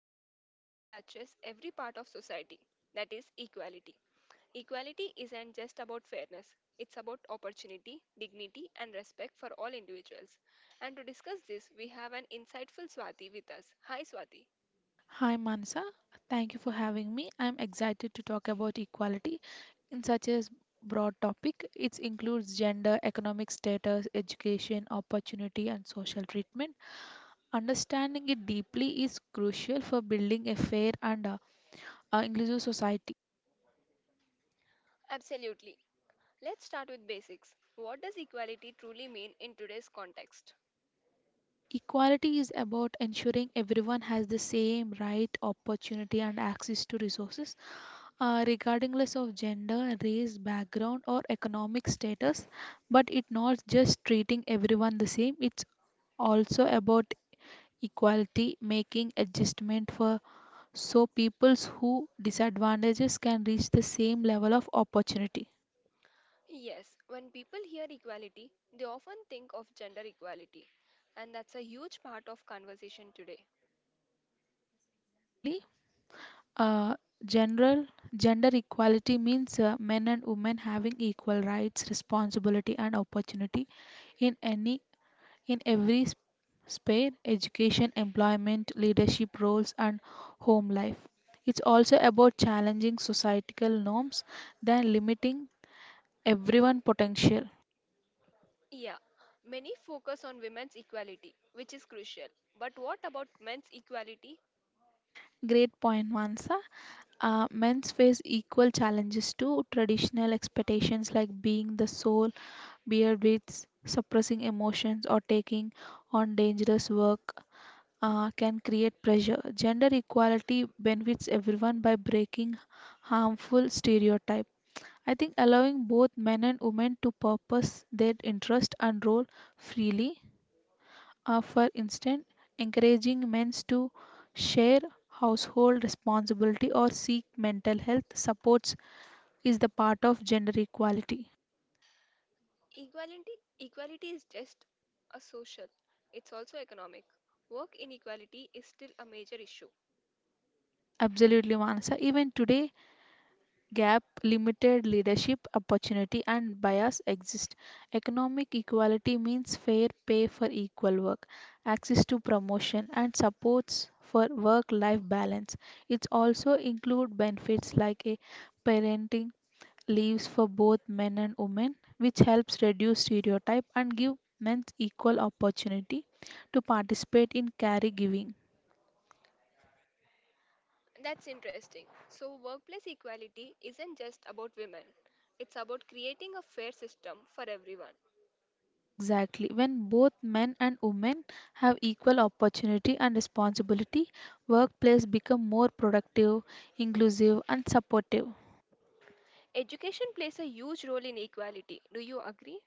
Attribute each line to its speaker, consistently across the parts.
Speaker 1: into a topic that touches every part of society, that is, equality. Equality isn't just about fairness, it's about opportunity, dignity, and respect for all individuals. And to discuss this, we have an insightful Swati with us. Hi, Swati.
Speaker 2: Hi Manasa, thank you for having me. I'm excited to talk about equality in such a broad topic. It includes gender, economic status, education, opportunity, and social treatment. Understanding it deeply is crucial for building a fair and inclusive society.
Speaker 1: Absolutely. Let's start with basics. What does equality truly mean in today's context?
Speaker 2: Equality is about ensuring everyone has the same right, opportunity, and access to resources. Regardless of gender, race, background, or economic status. But it's not just treating everyone the same, it's also about equality, making adjustment for so peoples who disadvantages can reach the same level of opportunity.
Speaker 1: Yes, when people hear equality, they often think of gender equality, and that's a huge part of conversation today.
Speaker 2: Exactly. Uh, General gender equality means men and women having equal rights, responsibility, and opportunity in any in every sphere education, employment, leadership roles, and home life. It's also about challenging societal norms than limiting everyone potential.
Speaker 1: Yeah, many focus on women's equality, which is crucial. But what about men's equality?
Speaker 2: Great point, Mansa. Men's face equal challenges to traditional expectations like being the sole bear with suppressing emotions or taking on dangerous work can create pressure. Gender equality benefits everyone by breaking harmful stereotypes. I think allowing both men and women to purpose their interest and role freely, for instance, encouraging men to share household responsibility or seek mental health supports is the part of gender equality.
Speaker 1: Equality equality is just a social, it's also economic. Work inequality is still a major issue.
Speaker 2: Absolutely, Manasa. Even today, gap, limited leadership opportunity, and bias exist. Economic equality means fair pay for equal work, access to promotion, and supports for work life balance. It also includes benefits like a parenting leaves for both men and women, which helps reduce stereotype and give men equal opportunity to participate in caregiving.
Speaker 1: That's interesting. So workplace equality isn't just about women. It's about creating a fair system for everyone.
Speaker 2: Exactly. When both men and women have equal opportunity and responsibility, workplace become more productive, inclusive and supportive.
Speaker 1: Education plays a huge role in equality. Do you agree?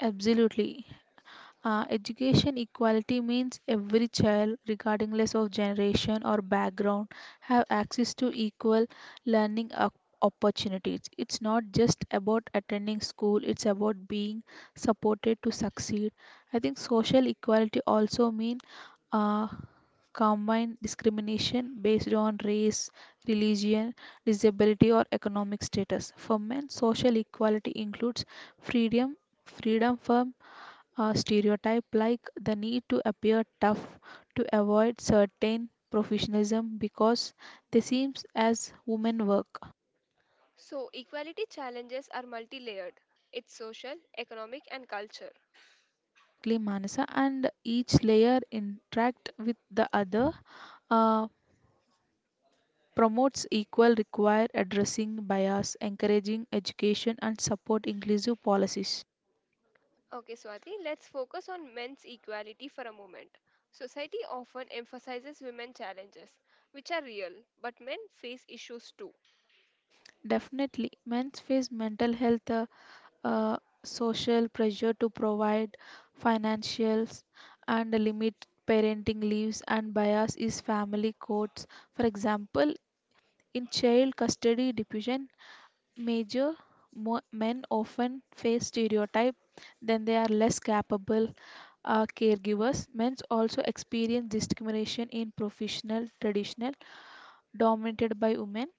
Speaker 2: Absolutely. Education equality means every child, regardless of generation or background, have access to equal learning op- opportunities. It's not just about attending school, it's about being supported to succeed. I think social equality also means uh, combine discrimination based on race, religion, disability, or economic status. For men, social equality includes freedom freedom from a stereotype like the need to appear tough to avoid certain professionalism because they seems as women work.
Speaker 1: So equality challenges are multi-layered. It's social, economic and culture.
Speaker 2: Exactly, Manasa, and each layer interact with the other uh, promotes equal require addressing bias, encouraging education and support inclusive policies.
Speaker 1: Okay, Swati, let's focus on men's equality for a moment. Society often emphasizes women's challenges, which are real, but men face issues too.
Speaker 2: Definitely, men face mental health uh, social pressure to provide financials and limit parenting leaves and bias is family courts. For example, in child custody division, major men often face stereotype then they are less capable caregivers. Men also experience discrimination in professional traditional dominated by women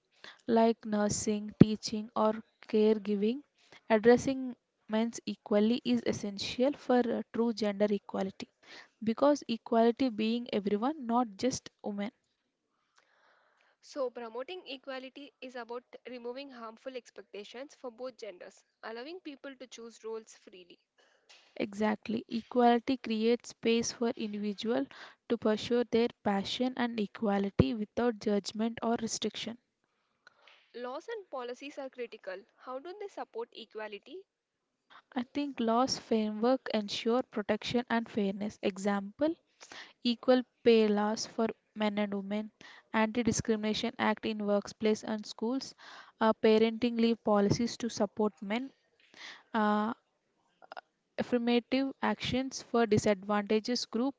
Speaker 2: like nursing, teaching, or caregiving, addressing men's equally is essential for true gender equality because equality being everyone not just women.
Speaker 1: So, promoting equality is about removing harmful expectations for both genders, allowing people to choose roles freely.
Speaker 2: Exactly, equality creates space for individual to pursue their passion and equality without judgment or restriction.
Speaker 1: Laws and policies are critical. How do they support equality?
Speaker 2: I think laws framework ensure protection and fairness example equal pay laws for men and women, anti-discrimination act in workplace and schools, parenting leave policies to support men, uh, affirmative actions for disadvantaged group.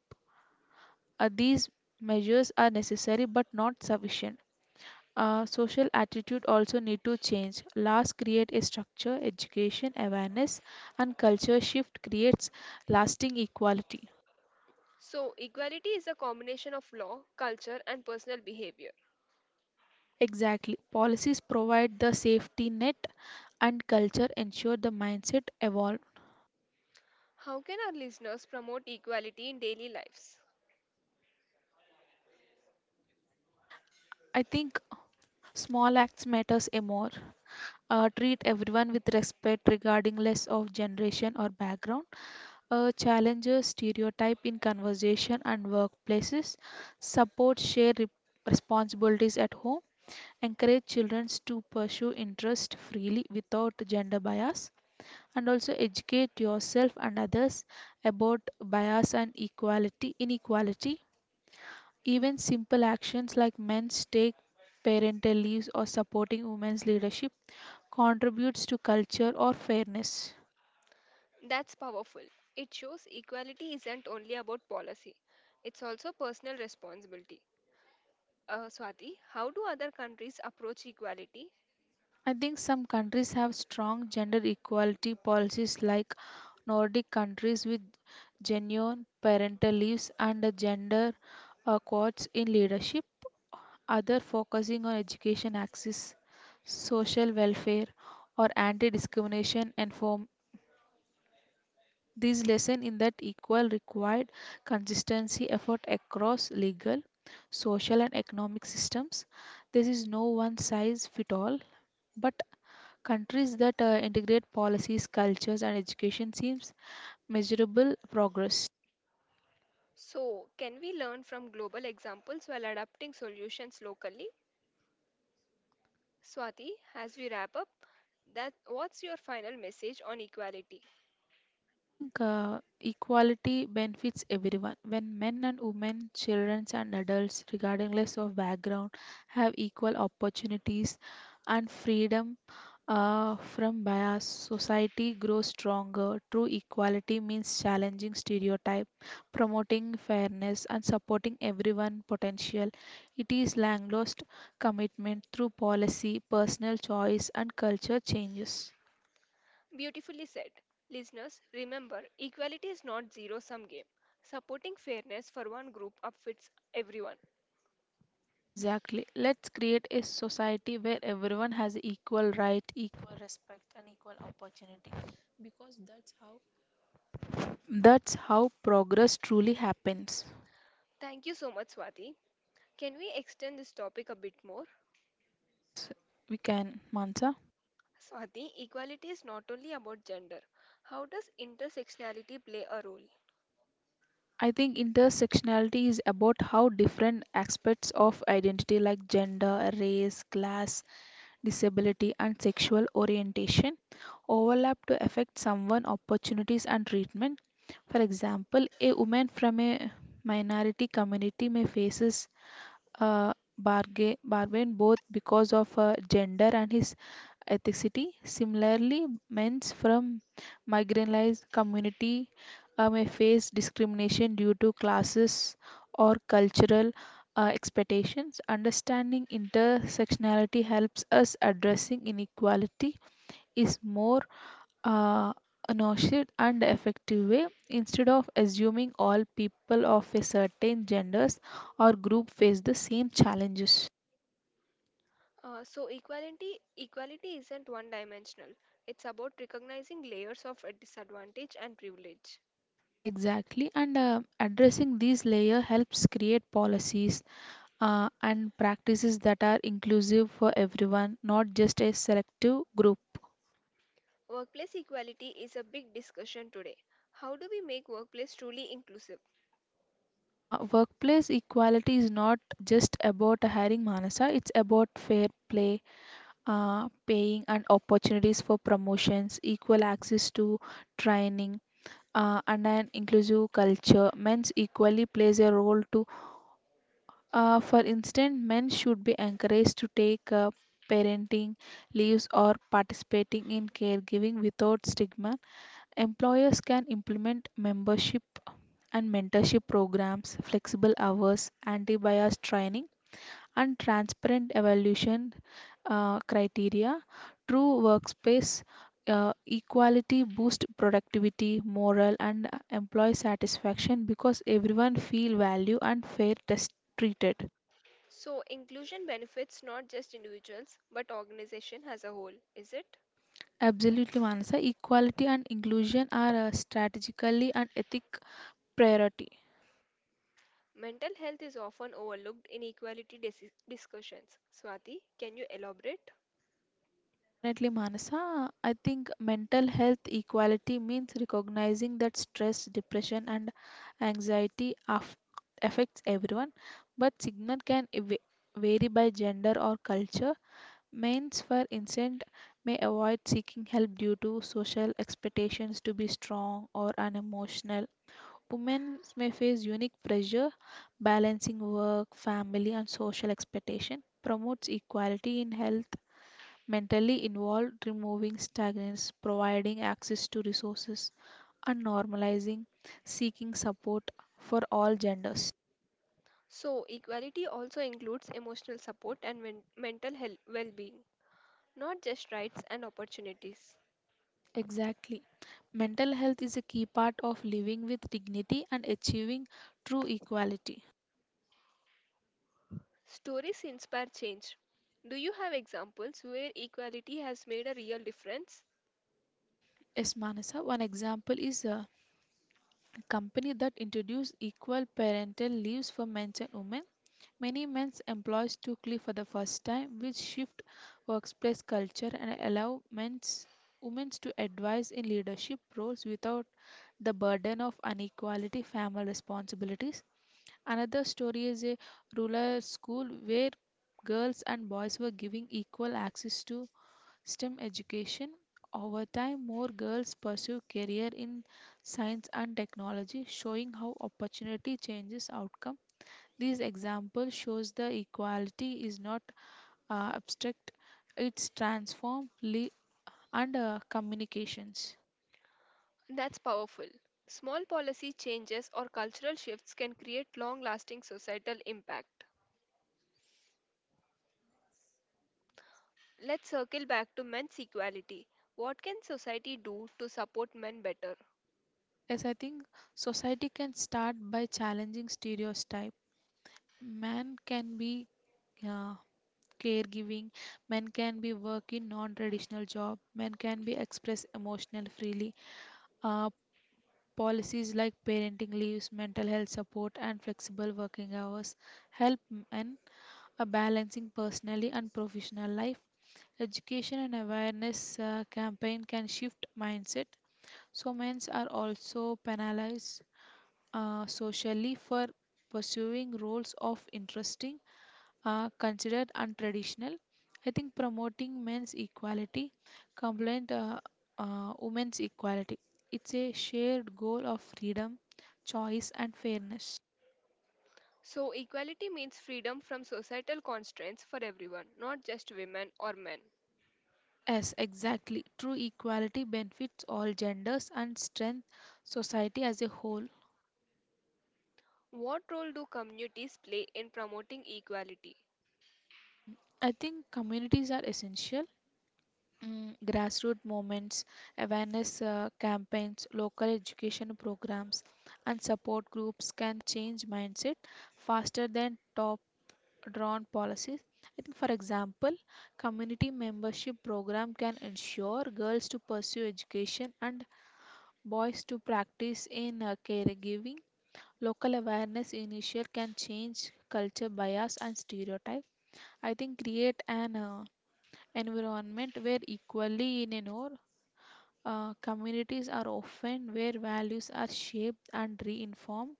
Speaker 2: These measures are necessary but not sufficient. Social attitude also need to change. Laws create a structure, education, awareness, and culture shift creates lasting equality.
Speaker 1: So, equality is a combination of law, culture, and personal behavior.
Speaker 2: Exactly. Policies provide the safety net and culture ensure the mindset evolve.
Speaker 1: How can our listeners promote equality in daily lives?
Speaker 2: I think small acts matters a more. Treat everyone with respect regarding less of generation or background. Challenges stereotype in conversation and workplaces. Support responsibilities at home. Encourage children to pursue interest freely without gender bias. And also educate yourself and others about bias and equality inequality. Even simple actions like men's take parental leaves or supporting women's leadership contributes to culture or fairness.
Speaker 1: That's powerful. It shows equality isn't only about policy, it's also personal responsibility. Swati, how do other countries approach equality?
Speaker 2: I think some countries have strong gender equality policies like Nordic countries with genuine parental leaves and the gender quotas in leadership, other focusing on education access, social welfare or These lesson in that equal required consistency effort across legal, social and economic systems. There is no one size fit all, but countries that integrate policies, cultures and education seems measurable progress.
Speaker 1: So, can we learn from global examples while adapting solutions locally? Swati, as we wrap up, that what's your final message on equality?
Speaker 2: Think equality benefits everyone. When men and women, children and adults, regardless of background, have equal opportunities and freedom from bias, society grows stronger. True equality means challenging stereotype, promoting fairness, and supporting everyone potential. It is long lost commitment through policy, personal choice, and culture changes.
Speaker 1: Beautifully said. Listeners, remember, equality is not zero sum game. Supporting fairness for one group upfits everyone.
Speaker 2: Exactly. Let's create a society where everyone has equal right, equal respect, and equal opportunity because that's how progress truly happens.
Speaker 1: Thank you so much, Swati. Can we extend this topic a bit more?
Speaker 2: Yes, we can, Mansa.
Speaker 1: Swati, equality is not only about gender. How does intersectionality play a role?
Speaker 2: I think intersectionality is about how different aspects of identity like gender, race, class, disability, and sexual orientation overlap to affect someone opportunities and treatment. For example, a woman from a minority community may faces bargain both because of gender and his ethnicity. Similarly, men from marginalized community may face discrimination due to classes or cultural expectations. Understanding intersectionality helps us addressing inequality is more uh, nurtured and effective way instead of assuming all people of a certain genders or group face the same challenges.
Speaker 1: So, equality isn't one dimensional. It's about recognizing layers of a disadvantage and privilege.
Speaker 2: Exactly, and addressing these layer helps create policies and practices that are inclusive for everyone not just a selective group.
Speaker 1: Workplace equality is a big discussion today. How do we make workplace truly inclusive?
Speaker 2: Workplace equality is not just about hiring, Manasa, it's about fair play, paying and opportunities for promotions, equal access to training, and an inclusive culture. Men's equally plays a role too. For instance, men should be encouraged to take parenting leaves or participating in caregiving without stigma. Employers can implement membership and mentorship programs, flexible hours, anti bias training, and transparent evaluation criteria. True workspace equality boost productivity, moral, and employee satisfaction because everyone feel value and fair test treated.
Speaker 1: So inclusion benefits not just individuals but organization as a whole, is it?
Speaker 2: Absolutely, Manasa. Equality and inclusion are strategically an ethic priority.
Speaker 1: Mental health is often overlooked in equality discussions. Swati, can you elaborate?
Speaker 2: Definitely, Manasa. I think mental health equality means recognizing that stress, depression, and anxiety aff affects everyone, but signal can vary by gender or culture. Males, for instance, may avoid seeking help due to social expectations to be strong or unemotional. Women may face unique pressure balancing work, family, and social expectation. Promotes equality in health mentally involved, removing stagnance, providing access to resources, and normalizing seeking support for all genders.
Speaker 1: So, equality also includes emotional support and mental health well being, not just rights and opportunities.
Speaker 2: Exactly. Mental health is a key part of living with dignity and achieving true equality.
Speaker 1: Stories inspire change. Do you have examples where equality has made a real difference?
Speaker 2: Yes, Manasa, one example is a company that introduced equal parental leaves for men and women. Many men employ Stukely for the first time, which shift workplace culture and allow men's women to advise in leadership roles without the burden of inequality family responsibilities. Another story is a rural school where girls and boys were given equal access to STEM education. Over time, more girls pursue career in science and technology, showing how opportunity changes outcome. This example shows the equality is not abstract, it's and communications.
Speaker 1: That's powerful. Small policy changes or cultural shifts can create long lasting societal impact. Let's circle back to men's equality. What can society do to support men better?
Speaker 2: Yes, I think society can start by challenging stereotype. Man can be uh, caregiving, men can be work in non-traditional job, men can be express emotional freely. Uh, Policies like parenting leaves, mental health support, and flexible working hours help men a balancing personally and professional life. Education and awareness campaign can shift mindset. So men are also penalized socially for pursuing roles of interesting, considered untraditional. I think promoting men's equality, complaint women's equality. It's a shared goal of freedom, choice, and fairness.
Speaker 1: So, equality means freedom from societal constraints for everyone, not just women or men.
Speaker 2: Yes, exactly. True equality benefits all genders and strength society as a whole.
Speaker 1: What role do communities play in promoting equality?
Speaker 2: Mm, I think communities are essential. Mm, grassroots movements, awareness campaigns, local education programs, and support groups can change mindset faster than top drawn policies. I think, for example, community membership program can ensure girls to pursue education and boys to practice in caregiving. Local awareness initiative can change culture bias and stereotype. I think create an environment where equally in an or communities are often where values are shaped and reinformed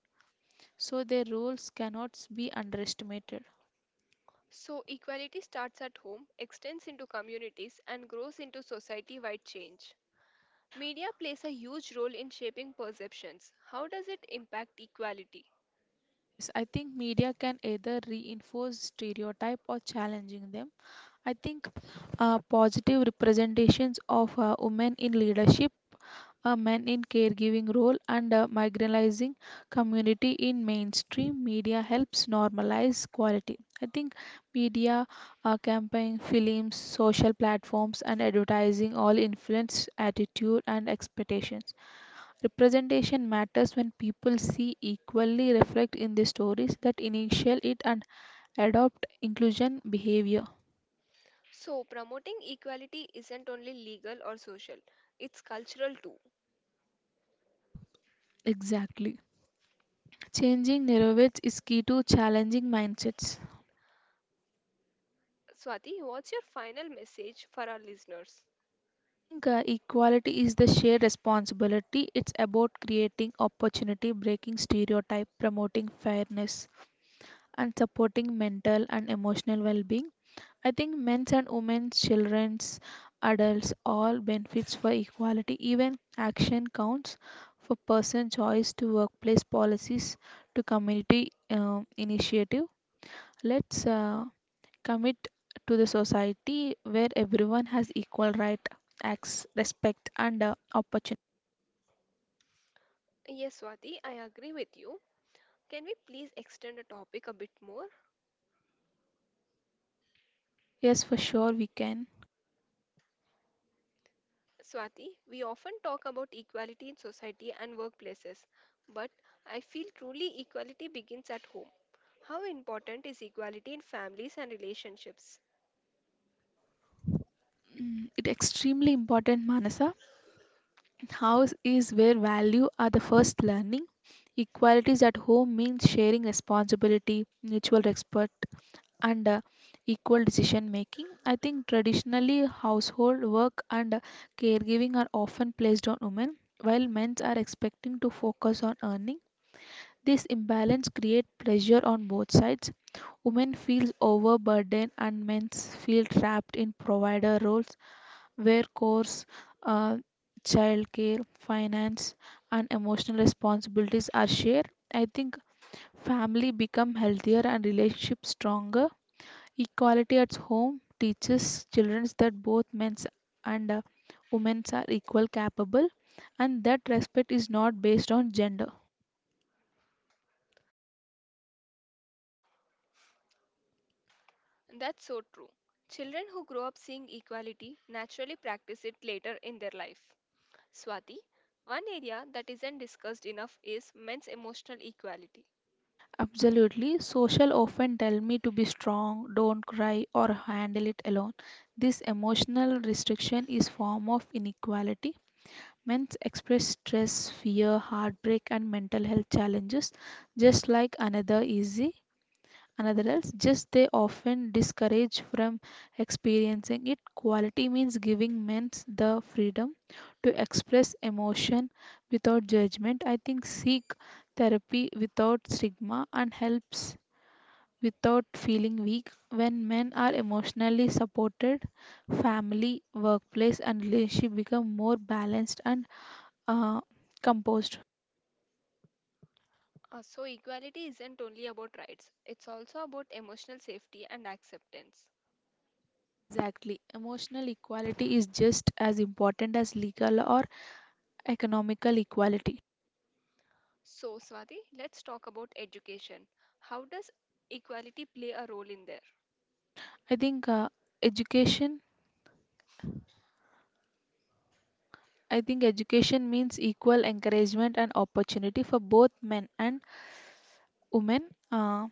Speaker 2: so their roles cannot be underestimated.
Speaker 1: So, equality starts at home, extends into communities, and grows into society wide change. Media plays a huge role in shaping perceptions. How does it impact equality?
Speaker 2: Yes, I think media can either reinforce stereotype or challenging them. I think positive representations of women in leadership a men in caregiving role and a marginalizing community in mainstream media helps normalize quality. I think media, campaign, films, social platforms, and advertising all influence attitude and expectations. Representation matters when people see equally reflect in the stories that initial it and adopt inclusion behavior.
Speaker 1: So, promoting equality isn't only legal or social, it's cultural too.
Speaker 2: Exactly. Changing narratives is key to challenging mindsets.
Speaker 1: Swati, what's your final message for our listeners?
Speaker 2: Think equality is the shared responsibility. It's about creating opportunity, breaking stereotype, promoting fairness, and supporting mental and emotional well-being. I think men's and women's, children's, adults, all benefits for equality. Even action counts for person choice to workplace policies to community initiative. Let's commit to the society where everyone has equal right, acts, respect, and opportunity.
Speaker 1: Yes, Swati, I agree with you. Can we please extend the topic a bit more?
Speaker 2: Yes, for sure we can.
Speaker 1: Swati, we often talk about equality in society and workplaces, but I feel truly equality begins at home. How important is equality in families and relationships?
Speaker 2: Mm, it extremely important, Manasa. House is where value are the first learning. Equalities at home means sharing responsibility, mutual respect, and equal decision making. I think traditionally household work and caregiving are often placed on women, while men are expecting to focus on earning. This imbalance creates pressure on both sides. Women feel overburdened and men feel trapped in provider roles where course, uh, childcare, finance, and emotional responsibilities are shared. I think family become healthier and relationships stronger. Equality at home teaches children that both men and women are equal capable and that respect is not based on gender.
Speaker 1: That's so true. Children who grow up seeing equality naturally practice it later in their life. Swati, one area that isn't discussed enough is men's emotional equality.
Speaker 2: Absolutely. Social often tell me to be strong, don't cry, or handle it alone. This emotional restriction is form of inequality. Men express stress, fear, heartbreak, and mental health challenges just like another easy another else just they often discourage from experiencing it. Quality means giving men the freedom to express emotion without judgment. I think seek therapy without stigma and helps without feeling weak. When men are emotionally supported, family, workplace, and relationship become more balanced and uh, composed.
Speaker 1: So, equality isn't only about rights, it's also about emotional safety and acceptance.
Speaker 2: Exactly. Emotional equality is just as important as legal or economical equality.
Speaker 1: So, Swati, let's talk about education. How does equality play a role in there?
Speaker 2: I think Education. I think education means equal encouragement and opportunity for both men and women.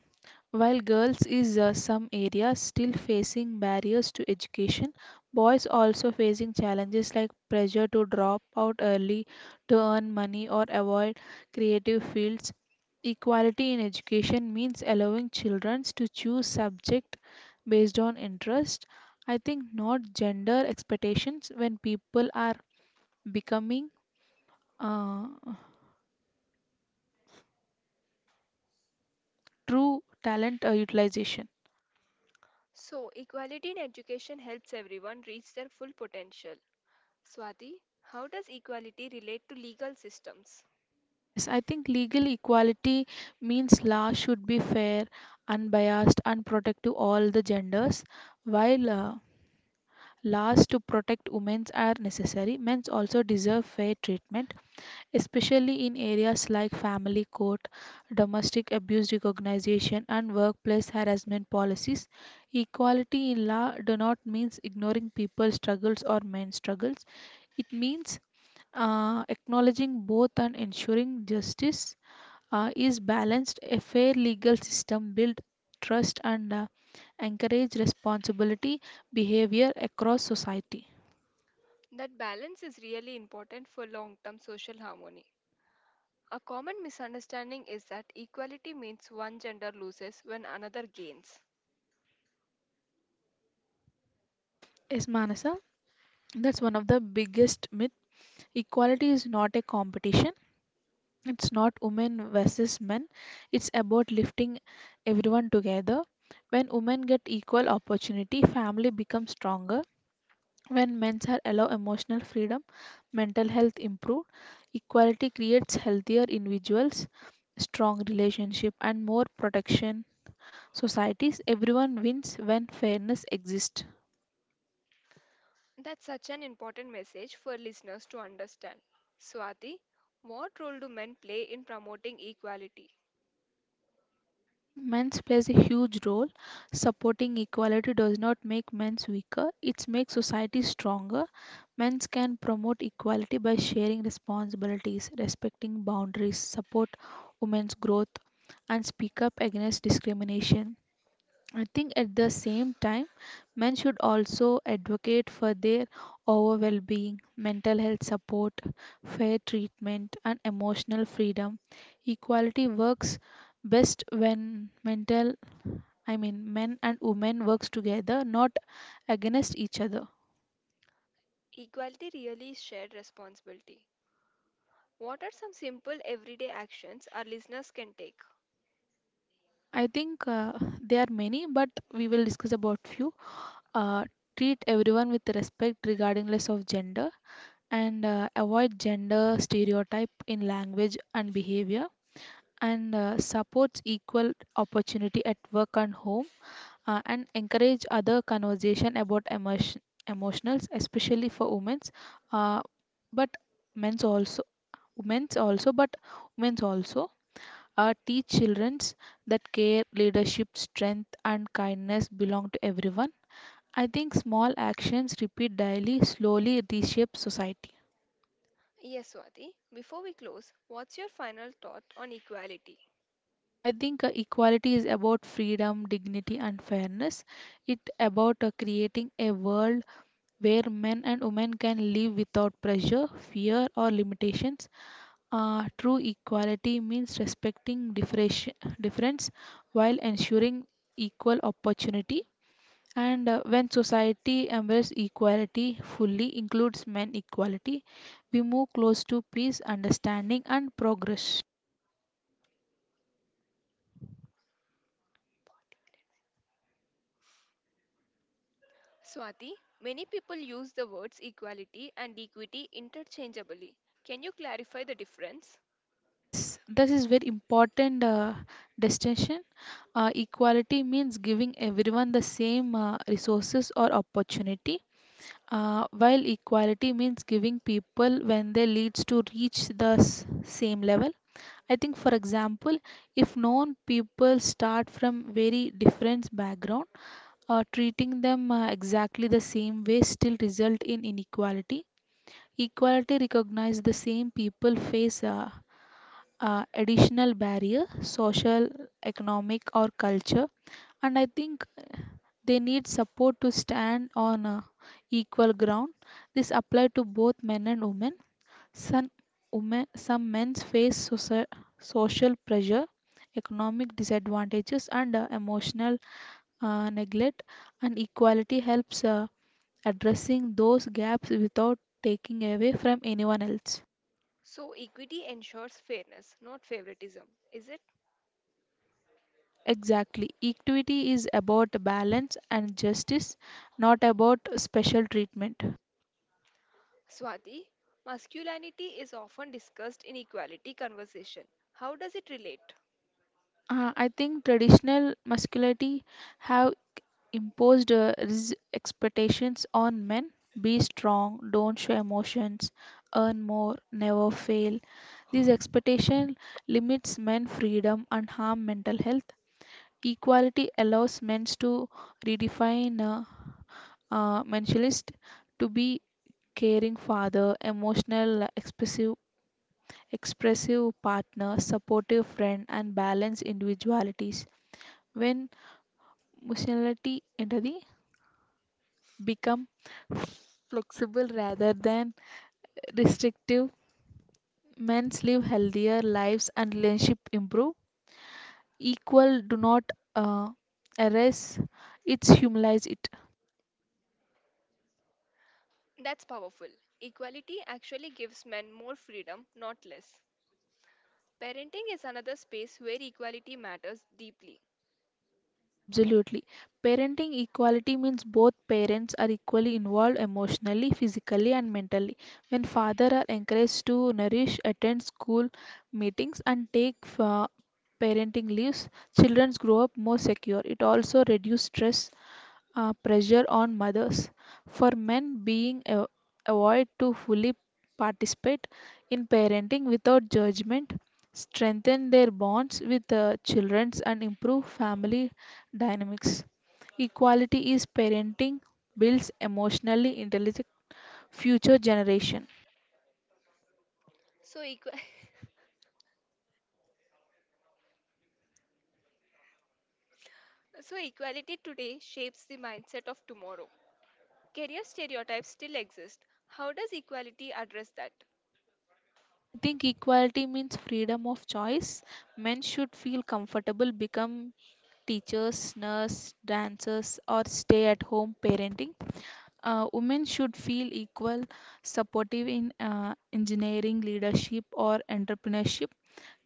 Speaker 2: While girls is some areas still facing barriers to education, boys also facing challenges like pressure to drop out early to earn money or avoid creative fields. Equality in education means allowing children to choose subject based on interest. I think not gender expectations when people are becoming uh, true talent utilization.
Speaker 1: So, equality in education helps everyone reach their full potential. Swati, how does equality relate to legal systems?
Speaker 2: Yes, I think legal equality means law should be fair, unbiased, and protect to all the genders. While laws to protect women are necessary, men also deserve fair treatment, especially in areas like family court, domestic abuse recognition, and workplace harassment policies. Equality in law do not means ignoring people's struggles or men's struggles. It means acknowledging both and ensuring justice is balanced. A fair legal system build trust and encourage responsibility behavior across society.
Speaker 1: That balance is really important for long term social harmony. A common misunderstanding is that equality means one gender loses when another gains.
Speaker 2: Yes, Manasa, that's one of the biggest myth. Equality is not a competition. It's not women versus men. It's about lifting everyone together. When women get equal opportunity, family becomes stronger. When men are allowed emotional freedom, mental health improve, equality creates healthier individuals, strong relationship and more protection societies. Everyone wins when fairness exists.
Speaker 1: That's such an important message for listeners to understand. Swati, what role do men play in promoting equality?
Speaker 2: I think men's plays a huge role. Supporting equality does not make men's weaker, it makes society stronger. Men's can promote equality by sharing responsibilities, respecting boundaries, support women's growth and speak up against discrimination. I think at the same time, men should also advocate for their overall well being, mental health support, fair treatment, and emotional freedom. Equality works best when men and women works together, not against each other.
Speaker 1: Equality really is shared responsibility. What are some simple everyday actions our listeners can take?
Speaker 2: I think there are many, but we will discuss about few. Uh, Treat everyone with respect regardless of gender, and avoid gender stereotype in language and behavior and supports equal opportunity at work and home, and encourage other conversation about emotion emotionals especially for women's, uh, but men's also, women's also, but women's also, teach children's that care leadership strength and kindness belong to everyone. I think small actions repeat daily slowly reshape society.
Speaker 1: Yes, Swati, before we close, what's your final thought on equality?
Speaker 2: I think equality is about freedom, dignity, and fairness. It about creating a world where men and women can live without pressure, fear, or limitations. True equality means respecting difference while ensuring equal opportunity. And when society embraces equality fully, includes men equality, we move close to peace, understanding, and progress.
Speaker 1: Swati, many people use the words equality and equity interchangeably. Can you clarify the difference?
Speaker 2: Yes, that is very important distinction. Equality means giving everyone the same resources or opportunity, while equality means giving people when they leads to reach the same level. I think, for example, if known people start from very different background, treating them exactly the same way still result in inequality. Equality recognize the same people face additional barrier, social, economic, or culture. And I think they need support to stand on equal ground. This applies to both men and women. Some, women, some men face social pressure, economic disadvantages, and emotional neglect. And equality helps addressing those gaps without taking away from anyone else.
Speaker 1: So, equity ensures fairness, not favoritism, is it?
Speaker 2: Exactly. Equity is about balance and justice, not about special treatment.
Speaker 1: Swati, masculinity is often discussed in equality conversation. How does it relate?
Speaker 2: I think traditional masculinity have imposed expectations on men. Be strong, don't show emotions, earn more, never fail. These expectation limits men freedom and harm mental health. Equality allows men to redefine mentalist to be caring father, emotional, expressive, expressive partner, supportive friend, and balanced individualities. When emotionality entity become flexible rather than restrictive, men live healthier lives and relationship improve. Equal do not uh, erase, it's humanize it.
Speaker 1: That's powerful. Equality actually gives men more freedom, not less. Parenting is another space where equality matters deeply.
Speaker 2: Absolutely. Parenting equality means both parents are equally involved emotionally, physically, and mentally. When fathers are encouraged to nourish, attend school meetings, and take parenting leaves, children grow up more secure. It also reduces stress, pressure on mothers, for men avoid to fully participate in parenting without judgment, strengthen their bonds with the children, and improve family dynamics. Equality is parenting builds emotionally intelligent future generation.
Speaker 1: So, so equality today shapes the mindset of tomorrow. Career stereotypes still exist. How does equality address that?
Speaker 2: I think equality means freedom of choice. Men should feel comfortable become teachers, nurse, dancers, or stay at home parenting. Women should feel equal, supportive in engineering, leadership, or entrepreneurship.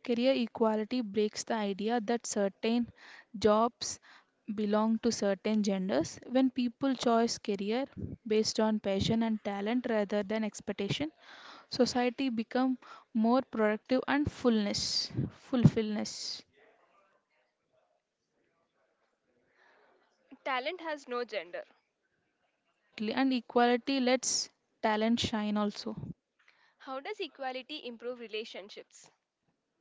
Speaker 2: Career equality breaks the idea that certain jobs belong to certain genders. When people choose career based on passion and talent rather than expectation, society become more productive and fullness, fulfillness.
Speaker 1: Talent has no gender.
Speaker 2: Exactly, and equality lets talent shine also.
Speaker 1: How does equality improve relationships?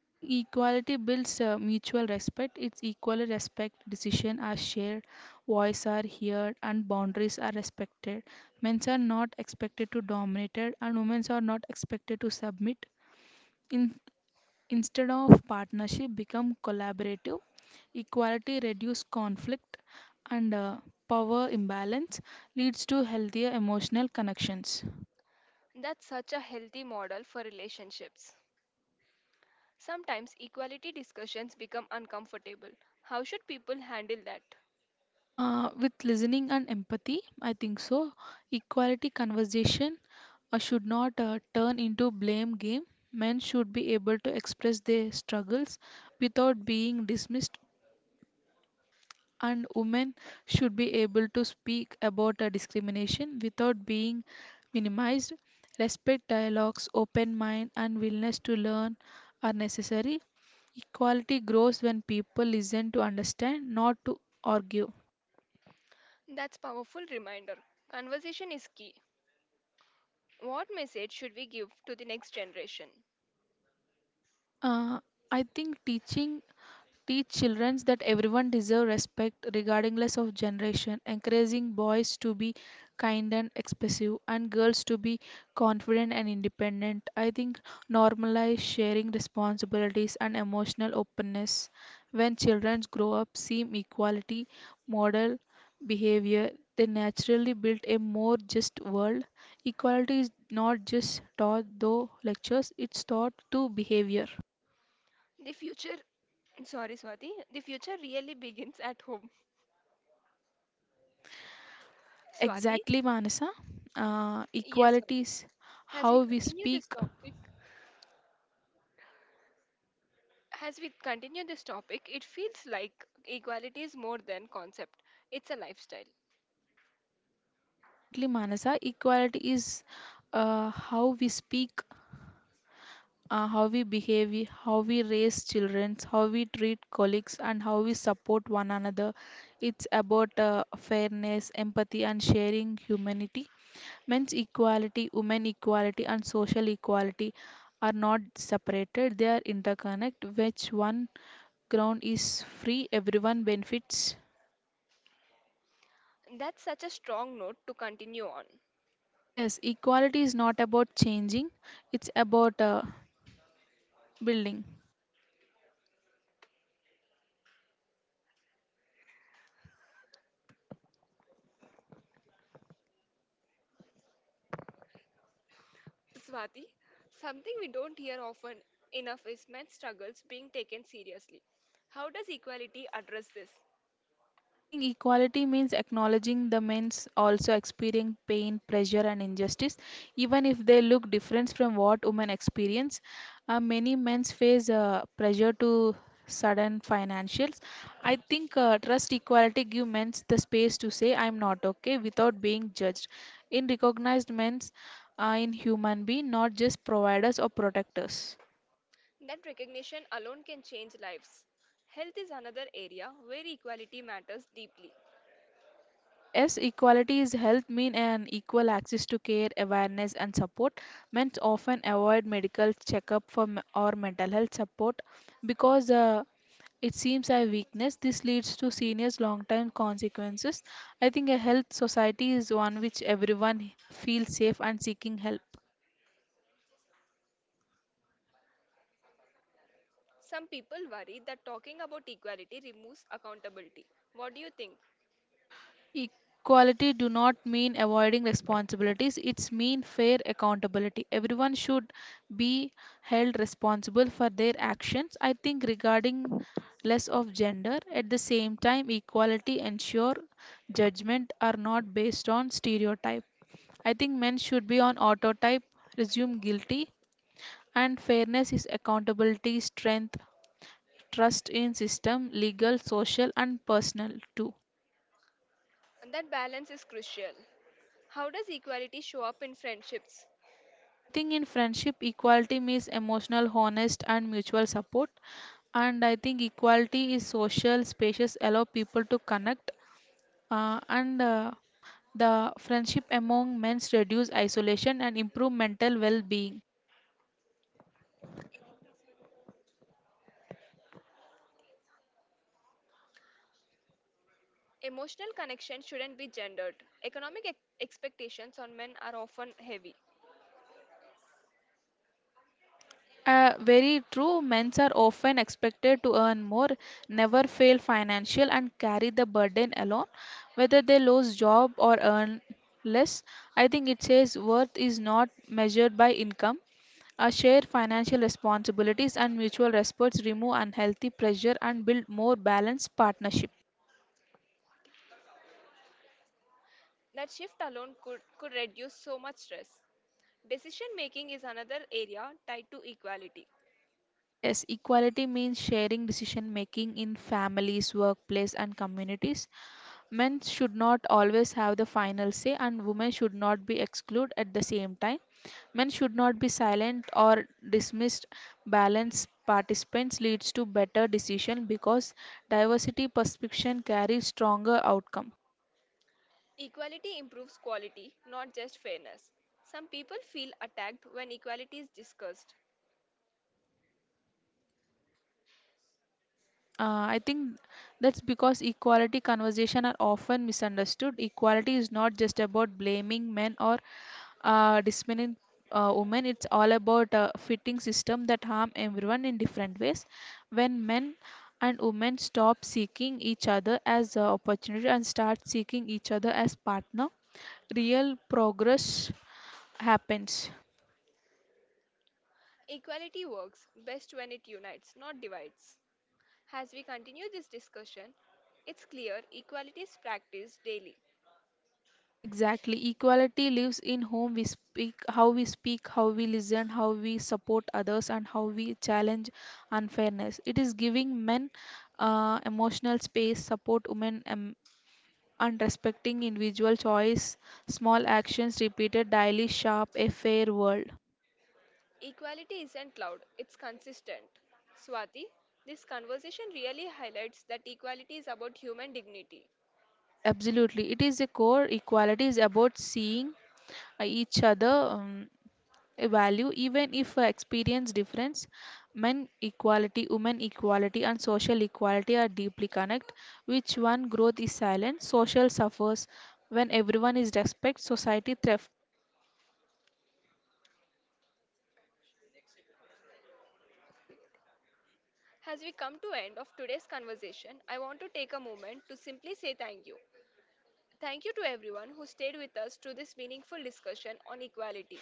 Speaker 2: I think equality builds mutual respect. It's equally respect. Decisions are shared, voice are heard, and boundaries are respected. Men are not expected to dominate, and women are not expected to submit. In, instead of partnership, become collaborative. Equality reduces conflict, and power imbalance leads to healthier emotional connections.
Speaker 1: That's such a healthy model for relationships. Sometimes equality discussions become uncomfortable. How should people handle that?
Speaker 2: With listening and empathy, I think so. Equality conversation should not turn into blame game. Men should be able to express their struggles without being dismissed, and women should be able to speak about discrimination without being minimized. Respect dialogues, open mind, and willingness to learn are necessary. Equality grows when people listen to understand, not to argue.
Speaker 1: That's powerful reminder. Conversation is key. What message should we give to the next generation?
Speaker 2: Uh, I think teach children that everyone deserves respect regardless of generation, encouraging boys to be kind and expressive and girls to be confident and independent. I think normalize sharing responsibilities and emotional openness. When children grow up, seeing equality, model behavior, they naturally build a more just world. Equality is not just taught through lectures, it's taught through behavior.
Speaker 1: The future, sorry Swati, the future really begins at home. Swati,
Speaker 2: Exactly, Manasa.
Speaker 1: yes
Speaker 2: Equality
Speaker 1: Swati.
Speaker 2: is
Speaker 1: As we
Speaker 2: how we
Speaker 1: continue
Speaker 2: speak.
Speaker 1: this topic, as we continue this topic, it feels like equality is more than concept. It's a lifestyle.
Speaker 2: Exactly, Manasa. Equality is how we speak, how we behave, how we raise children, how we treat colleagues, and how we support one another. It's about fairness, empathy, and sharing humanity. Men's equality, women equality, and social equality are not separated, they are interconnected. Which one ground is free, everyone benefits.
Speaker 1: That's such a strong note to continue on.
Speaker 2: Yes, equality is not about changing, it's about building.
Speaker 1: Swati, something we don't hear often enough is men's struggles being taken seriously. How does equality address this?
Speaker 2: I think equality means acknowledging the men's also experience pain, pressure, and injustice, even if they look different from what women experience. Many men face pressure to sudden financials. I think trust equality give men the space to say I'm not okay without being judged. In recognized men's, in human being, not just providers or protectors.
Speaker 1: That recognition alone can change lives. Health is another area where equality matters deeply.
Speaker 2: Yes, equality is health mean and equal access to care, awareness and support. Men often avoid medical checkup for or mental health support because it seems a weakness. This leads to serious long-term consequences. I think a health society is one which everyone feels safe and seeking help.
Speaker 1: Some people worry that talking about equality removes accountability. What do you think?
Speaker 2: Equality do not mean avoiding responsibilities, it's mean fair accountability. Everyone should be held responsible for their actions. I think regarding less of gender, at the same time, equality ensure judgment are not based on stereotype. I think men should be on autotype, resume guilty, and fairness is accountability, strength, trust in system, legal, social, and personal too.
Speaker 1: That balance is crucial. How does equality show up in friendships?
Speaker 2: I think in friendship, equality means emotional, honest, and mutual support. And I think equality is social spacious, allow people to connect. And The friendship among men's reduce isolation and improve mental well-being.
Speaker 1: Emotional connection shouldn't be gendered. Economic expectations on men are often heavy.
Speaker 2: Very true. Men's are often expected to earn more, never fail financial, and carry the burden alone, whether they lose job or earn less. I think it says worth is not measured by income. A shared financial responsibilities and mutual respects remove unhealthy pressure and build more balanced partnership.
Speaker 1: That shift alone could reduce so much stress. Decision making is another area tied to equality.
Speaker 2: Yes, equality means sharing decision making in families, workplace, and communities. Men should not always have the final say, and women should not be excluded at the same time. Men should not be silent or dismissed. Balanced participants leads to better decision because diversity perception carries stronger outcome.
Speaker 1: Equality improves quality, not just fairness. Some people feel attacked when equality is discussed.
Speaker 2: I think that's because equality conversation are often misunderstood. Equality is not just about blaming men or dismissing women. It's all about fitting system that harm everyone in different ways. When men and women stop seeking each other as opportunity and start seeking each other as partner, real progress happens.
Speaker 1: Equality works best when it unites, not divides. As we continue this discussion, it's clear equality is practiced daily.
Speaker 2: Exactly. Equality lives in whom we speak, how we speak, how we listen, how we support others, and how we challenge unfairness. It is giving men emotional space, support women, and respecting individual choice. Small actions repeated daily shape a fair world.
Speaker 1: Equality isn't loud, it's consistent. Swati, this conversation really highlights that equality is about human dignity.
Speaker 2: Yes, absolutely. It is a core. Equality is about seeing each other. A value even if I experience difference. Men equality, women equality and social equality are deeply connect. Which one growth is silent, social suffers. When everyone is respect, society thrift.
Speaker 1: As we come to end of today's conversation, I want to take a moment to simply say thank you. Thank you to everyone who stayed with us through this meaningful discussion on equality.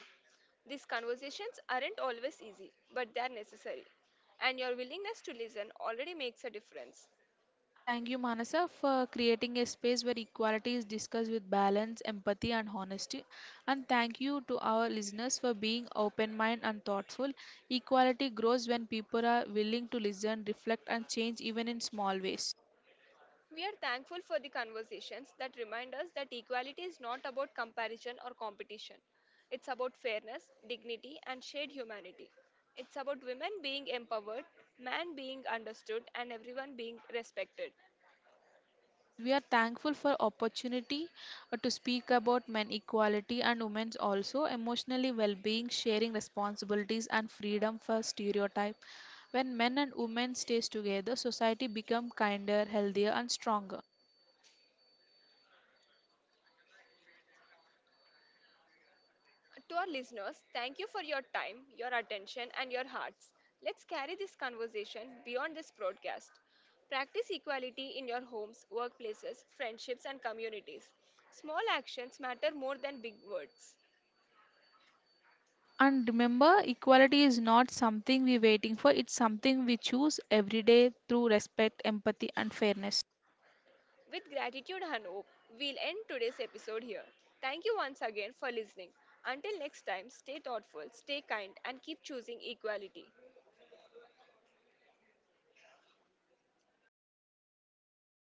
Speaker 1: These conversations aren't always easy, but they are necessary. And your willingness to listen already makes a difference.
Speaker 2: Thank you, Manasa, for creating a space where equality is discussed with balance, empathy and honesty, and thank you to our listeners for being open minded and thoughtful. Equality grows when people are willing to listen, reflect and change, even in small ways.
Speaker 1: We are thankful for the conversations that remind us that equality is not about comparison or competition. It's about fairness, dignity, and shared humanity. It's about women being empowered, men being understood, and everyone being respected.
Speaker 2: Yes, we are thankful for opportunity to speak about men equality and women's also emotionally well-being, sharing responsibilities and freedom for stereotype. When men and women stays together, society become kinder, healthier and stronger.
Speaker 1: To our listeners, thank you for your time, your attention, and your hearts. Let's carry this conversation beyond this broadcast. Practice equality in your homes, workplaces, friendships, and communities. Small actions matter more than big words.
Speaker 2: And remember, equality is not something we waiting for, it's something we choose every day through respect, empathy and fairness.
Speaker 1: With gratitude and hope, we'll end today's episode here. Thank you once again for listening. Until next time, stay thoughtful, stay kind, and keep choosing equality.